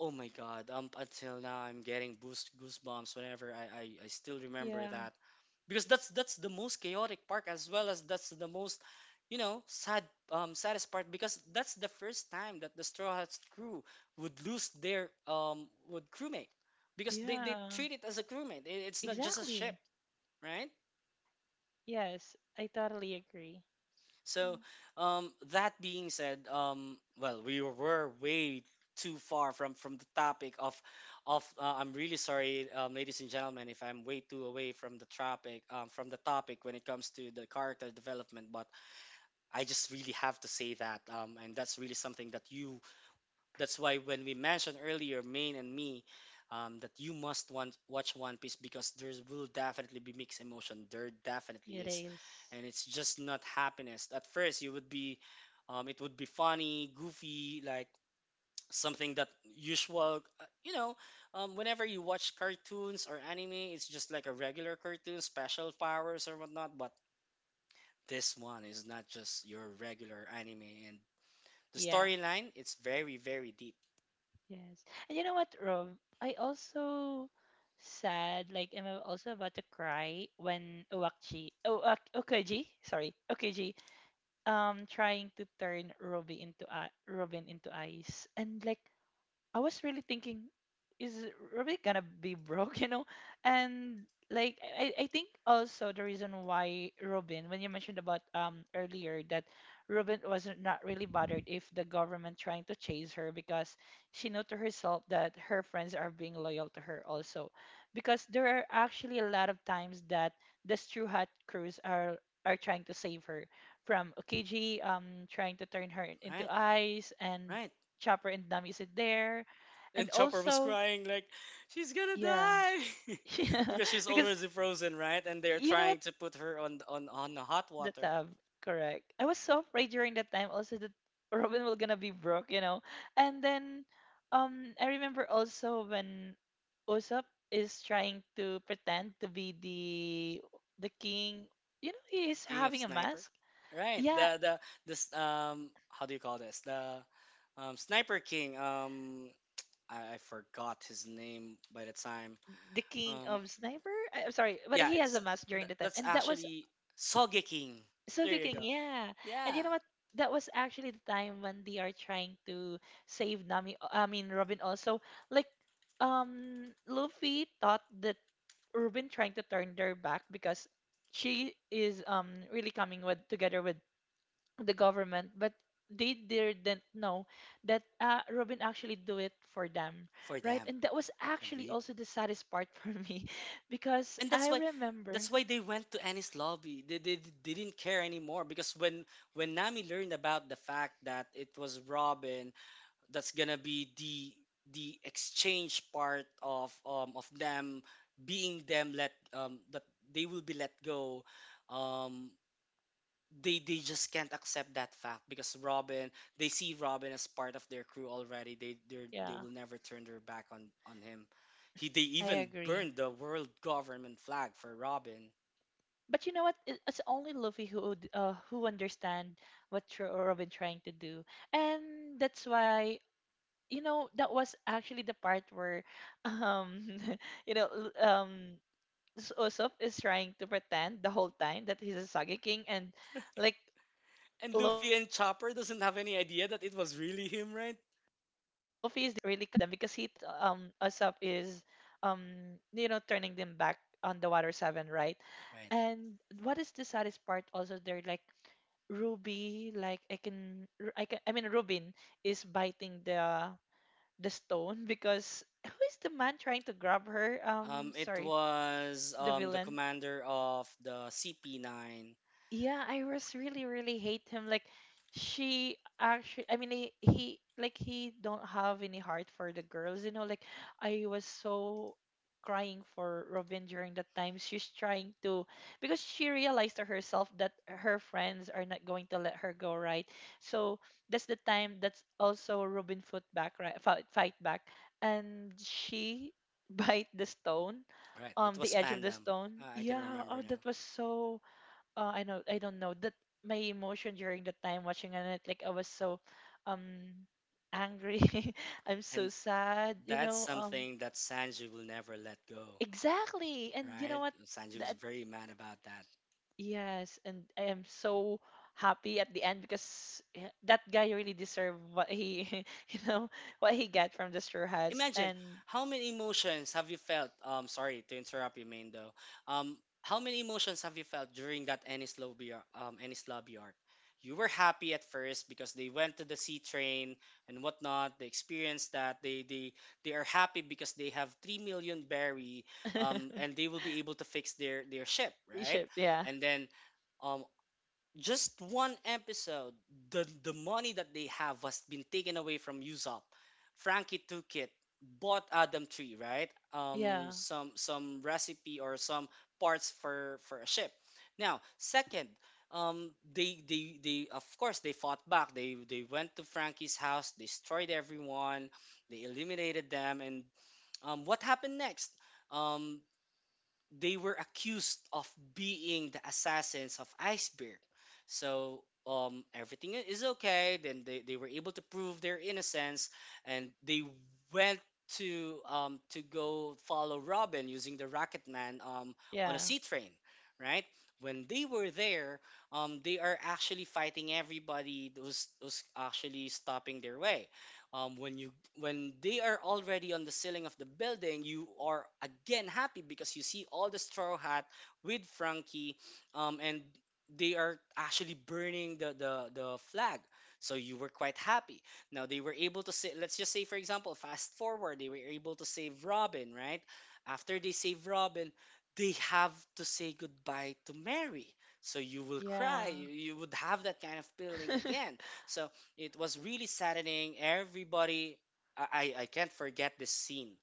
Oh my God! Until now I'm getting boost goosebumps whenever I still remember Yeah. that, because that's the most chaotic part, as well as that's the most, you know, sad saddest part, because that's the first time that the Straw Hats crew would lose their would crewmate, because they Yeah. treat it as a crewmate. It- it's not just a ship, Exactly. right? Yes, I totally agree. So Mm, that being said, well, we were way too far from the topic of I'm really sorry, ladies and gentlemen, if I'm way too away from the topic, from the topic when it comes to the character development, but I just really have to say that, and that's really something that you. That's why when we mentioned earlier, Main and me, that you must want watch One Piece, because there will definitely be mixed emotion. There definitely it is, is. and it's just not happiness. At first, you would be, it would be funny, goofy, like something that usual. You know, whenever you watch cartoons or anime, it's just like a regular cartoon, special powers or whatnot, but this one is not just your regular anime, and the Yeah. storyline, it's very, very deep. Yes. And you know what, Rob? I also sad, like I'm also about to cry when Uwakji, oh okay, Okaji, sorry, Okaji, trying to turn Robin into ice, and like I was really thinking, is Rubik gonna be broke, you know? And like I think also the reason why Robin, when you mentioned about earlier, that Robin was not really bothered if the government trying to chase her because she knew to herself that her friends are being loyal to her also. Because there are actually a lot of times that the True Hat crews are trying to save her from Okiji, trying to turn her into Right, ice, and right. Chopper and Nami is there, and And Chopper was also crying like, she's gonna yeah, die yeah, because she's because already frozen, right? And they're you know trying what, to put her on on the hot the water. tab, correct. I was so afraid during that time also that Robin was gonna be broke and then I remember also when Usopp is trying to pretend to be the king, he is King of having a Sniper, mask, right? yeah, The this how do you call this? The Sniper King. I forgot his name by the time. the king Um, of sniper. I'm sorry but yeah, he has a it's mask during the time that's and that was. actually Soge King. So, There you Sugarcane, go. yeah. And Yeah, you know what? That was actually the time when they are trying to save Nami. I mean, Robin also. Like, Luffy thought that Robin trying to turn their back because she is really coming with together with the government, but they didn't know that Robin actually do it for them, for right? them. And that was actually Agreed. also the saddest part for me because And I remember. that's why they went to Annie's lobby. They didn't care anymore because when Nami learned about the fact that it was Robin that's gonna be the exchange part of them being them let that they will be let go um they just can't accept that fact because Robin they see Robin as part of their crew already. They Yeah, will never turn their back on him. He they I even agree. burned the world government flag for Robin. But you know what? It's only Luffy who would, who understand what Robin trying to do, and that's why that was actually the part where, um, you know, l- um, Usopp is trying to pretend the whole time that he's a Sage King, and like Luffy is the And only Luffy one and who really Chopper don't doesn't have any know idea that it was that really Usopp him, is right? really coming with them because he thought that Usopp is um turning them back on the Water 7, right? Right. And what is the saddest part also, they're like Ruby, like I can I mean Rubin is biting the stone because who is the man trying to grab her? Um It sorry, was the the villain. commander of the CP9. Yeah, I was really, really hate him. Like, she actually, I mean, like, he don't have any heart for the girls. Like, I was so crying for Robin during that time. She's trying to, because she realized to herself that her friends are not going to let her go, right? So that's the time that's also Robin foot back, right? Fight, fight back, and she bite the stone, Right. It the was edge of the Pandam. stone. I can Yeah. remember Oh, now. that was so I know, I don't know that my emotion during the time watching it, like I was so um angry. I'm And so sad, you that's know. Something that Sanji will never let go. Exactly, and you know Right. what, Sanji was that, very mad about that. yes, and I am so happy at the end because yeah, that guy really deserved what he you know what he got from the straw hats Imagine and how many emotions have you felt, sorry to interrupt you, Main, though. um how many emotions have you felt during that Ennis lobby arc? You were happy at first because they went to the sea train and whatnot. They experienced that they they are happy because they have 3 million berry, and they will be able to fix their ship, right? Egypt, yeah, And then um just one episode, the money that they have was been taken away from Usopp. Frankie took it, bought Adam Tree, right? Yeah, some recipe or some parts for a ship. Now, second, they of course they fought back. They went to Frankie's house, destroyed everyone, they eliminated them, and what happened next? Um, they were accused of being the assassins of Iceberg. So is okay. Then they were able to prove their innocence, and they went to go follow Robin using the Rocket Man, on a yeah, sea train, right? When they were there, they are actually fighting everybody who's actually stopping their way, um, when you when they are already on the ceiling of the building, you are again happy because you see all the straw hat with Frankie, and they are actually burning the, the flag, so you were mhm, quite happy. Now they were able to say, let's just say for example, fast forward, they were able to save Robin, right? After they save Robin, they have to say goodbye to Mary, so you will yeah, cry, you would have that kind of feeling again. So it was really saddening. Everybody, I can't forget this scene.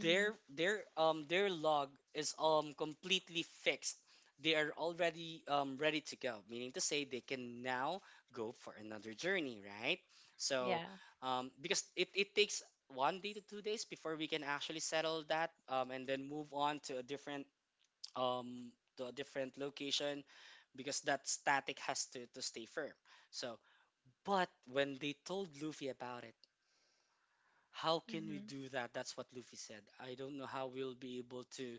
Their their um their log is completely fixed. They are already ready to go, meaning to say they can now go for another journey, right? So, yeah. Because it takes 1 day to 2 days before we can actually settle that, and then move on um to a different location, because that static has to stay firm. So but when they told Luffy about it, how can we Mhm. do that? That's what Luffy said. I don't know how we'll be able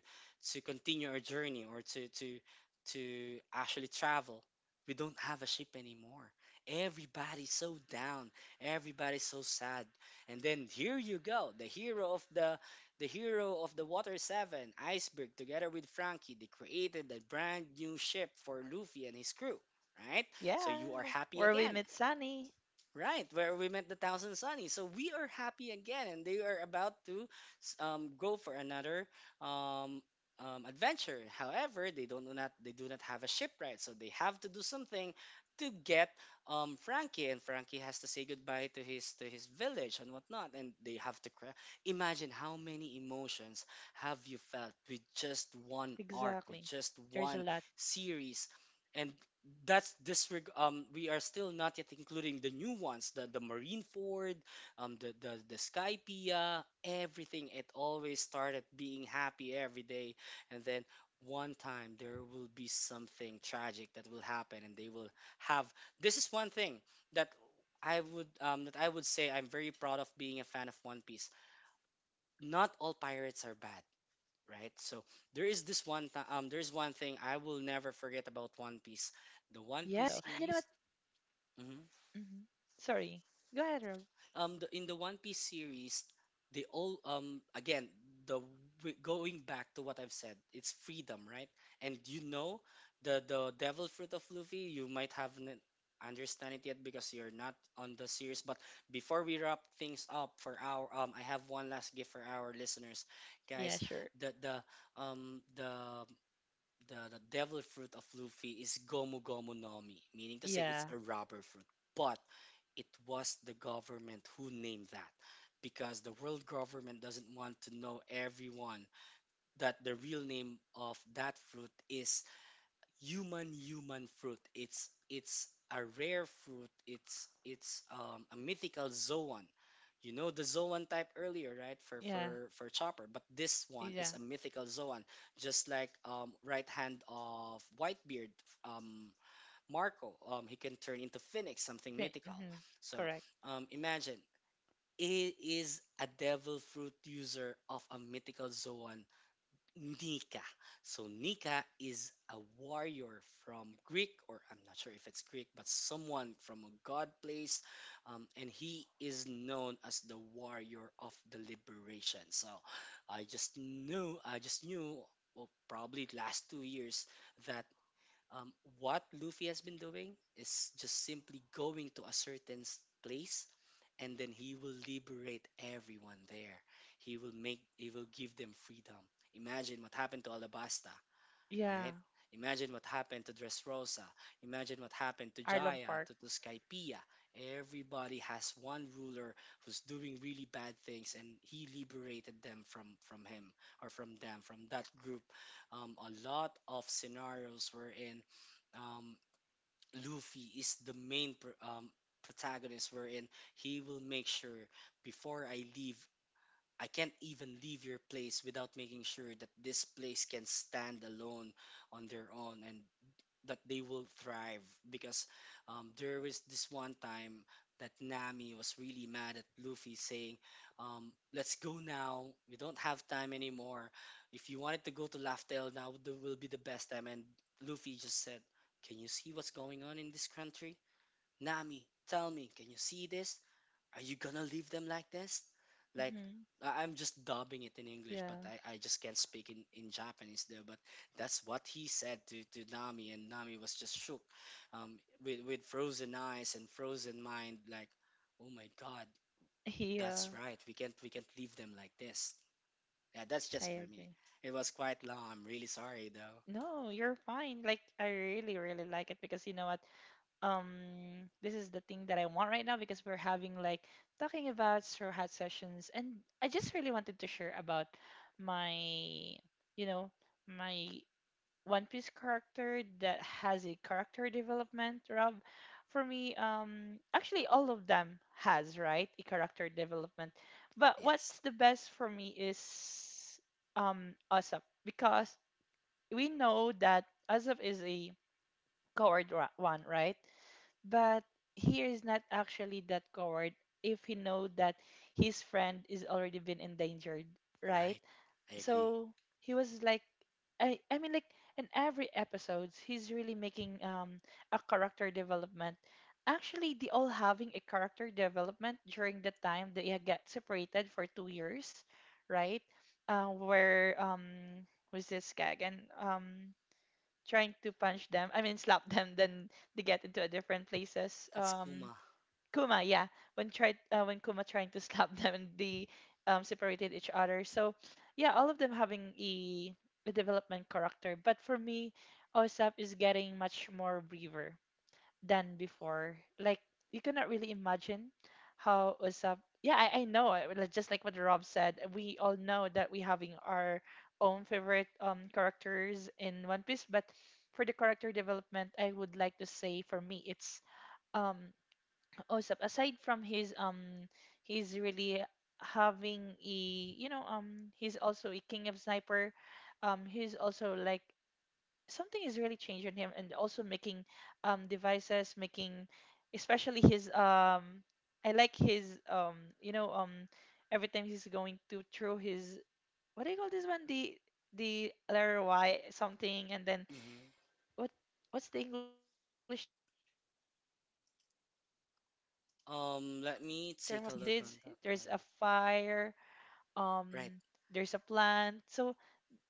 to continue our journey, or to to actually travel. We don't have a ship anymore. Everybody's so down. Everybody's so sad. And then here you go, the hero of the hero of the Water 7, Iceberg, together with Frankie, they created a brand new ship for Luffy and his crew, right? So you are Yeah, happy where we again. met Sunny. Right, where we met the Thousand Sunny. So we are happy again, and they are about to go for another um, adventure. However, they do not have a shipwright, so they have to do something to get, Frankie, and Frankie has to say goodbye to his village and whatnot, and they have to cry. Imagine how many emotions have you felt with just one arc, with Exactly. just There's a one lot. series, and that's disreg we are still not yet including the new ones, the Marine Ford, the Skypia, everything. It always started being happy every day, and then one time there will be something tragic that will happen, and they will have, this is one thing that I would say I'm very proud of being a fan of One Piece. Not all pirates are bad, right? So there is this Yes, one that's time, there's one exactly thing I the will never thing forget that I about would One like to Piece, say the also. One And you Piece know what? series. hmm Mhm. Sorry. Go ahead, Rob. The, in the One Piece series, they all again the going back to what I've said, it's freedom, right? And you know the Devil Fruit of Luffy, you might haven't understand it yet because you're not on the series. But before we wrap things up for our, I have one last gift for our listeners, Yeah, guys. sure. The um the the devil fruit of Luffy is Gomu Gomu Nomi, meaning to say it's Yeah, a rubber fruit. But it was the government who named that, because the world government doesn't want to know everyone that the real name of that fruit is human human fruit. It's a rare fruit. It's, a mythical zoan. You know the zoan type earlier, right? For yeah, for Chopper, but this one is yeah. a mythical zoan, just like, right hand of Whitebeard, um, Marco. He can turn into phoenix, something mythical. Mm-hmm. So Correct. Imagine. It is a devil fruit user of a mythical zoan, Nika. So Nika is a warrior from Greek, or I'm not sure if it's Greek, but someone from a god place, and he is known as the warrior of the liberation. So I just knew, well, probably last 2 years that, um, what Luffy has been doing is just simply going to a certain place, and then he will liberate everyone there. He will give them freedom. Imagine what happened to Alabasta, Yeah, right? Imagine what happened to Dressrosa. Imagine what happened to Arlong Jaya, Park. To Skypea. Everybody has one ruler who's doing really bad things, and he liberated them from him, or from them, from that group. A lot of scenarios wherein, um, Luffy is the main protagonist, wherein he will make sure, before I leave, I can't even leave your place without making sure that this place can stand alone on their own. And that they will thrive, because there was this one time that Nami was really mad at Luffy saying, "Let's go now. We don't have time anymore. If you wanted to go to Laugh Tale now, will be the best time." And Luffy just said, "Can you see what's going on in this country? Nami, tell me, can you see this? Are you gonna leave them like this? Like Mm-hmm. I'm just dubbing it in English, but Yeah, I just can't speak in Japanese there. But that's what he said to Nami, and Nami was just shook, with frozen eyes and frozen mind. Like, oh my God, yeah, that's right. We can't leave them like this. Yeah, that's just for I me. agree. It was quite long. I'm really sorry though. No, you're fine. Like, I really, really like it because you know what? This is the thing that I want right now because we're having like talking about straw hat sessions, and I just really wanted to share about my you know my One Piece character that has a character development, Rob. For me, actually all of them has, right, a character development, but Yes, what's the best for me is Usopp, because we know that Usopp is a one, right, but he is not actually that coward if he know that his friend is already been endangered, right? right. I agree. So he was like, I mean, like, in every episodes he's really making a character development. Actually they all having a character development during the time they had got separated for 2 years, right? Where was this Kag, and trying to punch them, I mean slap them, then they get into a different places. That's Kuma. Kuma, yeah, when Kuma trying to slap them, and they separated each other, so yeah, all of them having a development character, but for me, osap is getting much more braver than before. Like, you cannot really imagine how WhatsApp. Yeah, I know. Like, just like what Rob said, we all know that we having our own favorite characters in One Piece. But for the character development, I would like to say for me, it's um Usopp. Aside from his he's really having a he's also a king of sniper. He's also like something is really changing him, and also making devices, making especially his I like his every time he's going to throw his, what do you call this one, the letter y something, and then hmm what what's the english term of that one, I forget, but I really like every time she's let he's me throwing his take a look seeds, on that there's a one. fire, um Right, there's a plant, so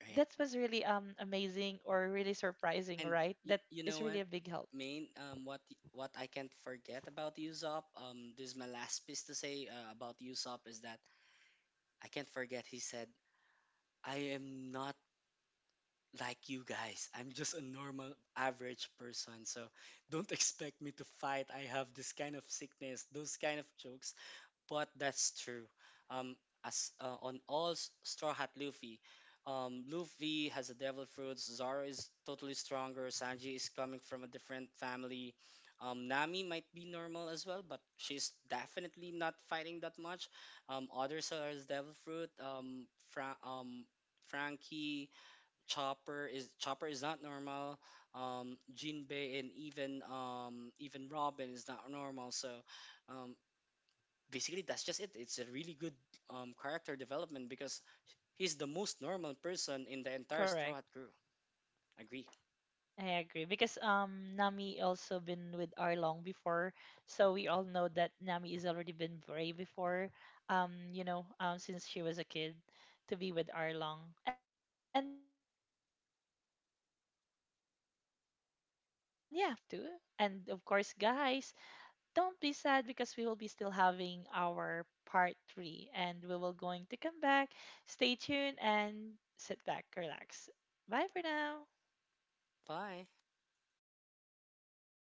right. that was really amazing or really surprising, And right? That you is know really what, a big help. Main, what I can't forget about Usopp, this is my last piece to say, about Usopp, is that I can't forget he said, "I am not like you guys. I'm just a normal, average person. So don't expect me to fight. I have this kind of Yes. sickness, those kind of jokes." Mhm. But that's true. Um, as on all Straw Hat Luffy, Luffy has a devil fruits. Zoro is totally stronger. Sanji is coming from a different family. Nami might be normal as well, but she's definitely not fighting that much. Others are as devil fruit. Frankie, Chopper is not normal. Jinbei, and even even Robin is not normal. So. Um, basically that's just it, it's a really good, character development, because he's the most normal person in the entire straw Correct. hat crew. Agree. I agree, because Nami also been with Arlong before, so we all know that Nami is already been brave before. Since she was a kid, to be with Arlong, and yeah, and of course, I really would like to say Rob, thank you so much for this part too, and of course, guys, don't be sad because we will be still having our part three, and we will going to come back. Stay tuned and sit back, relax. Bye for now. Bye.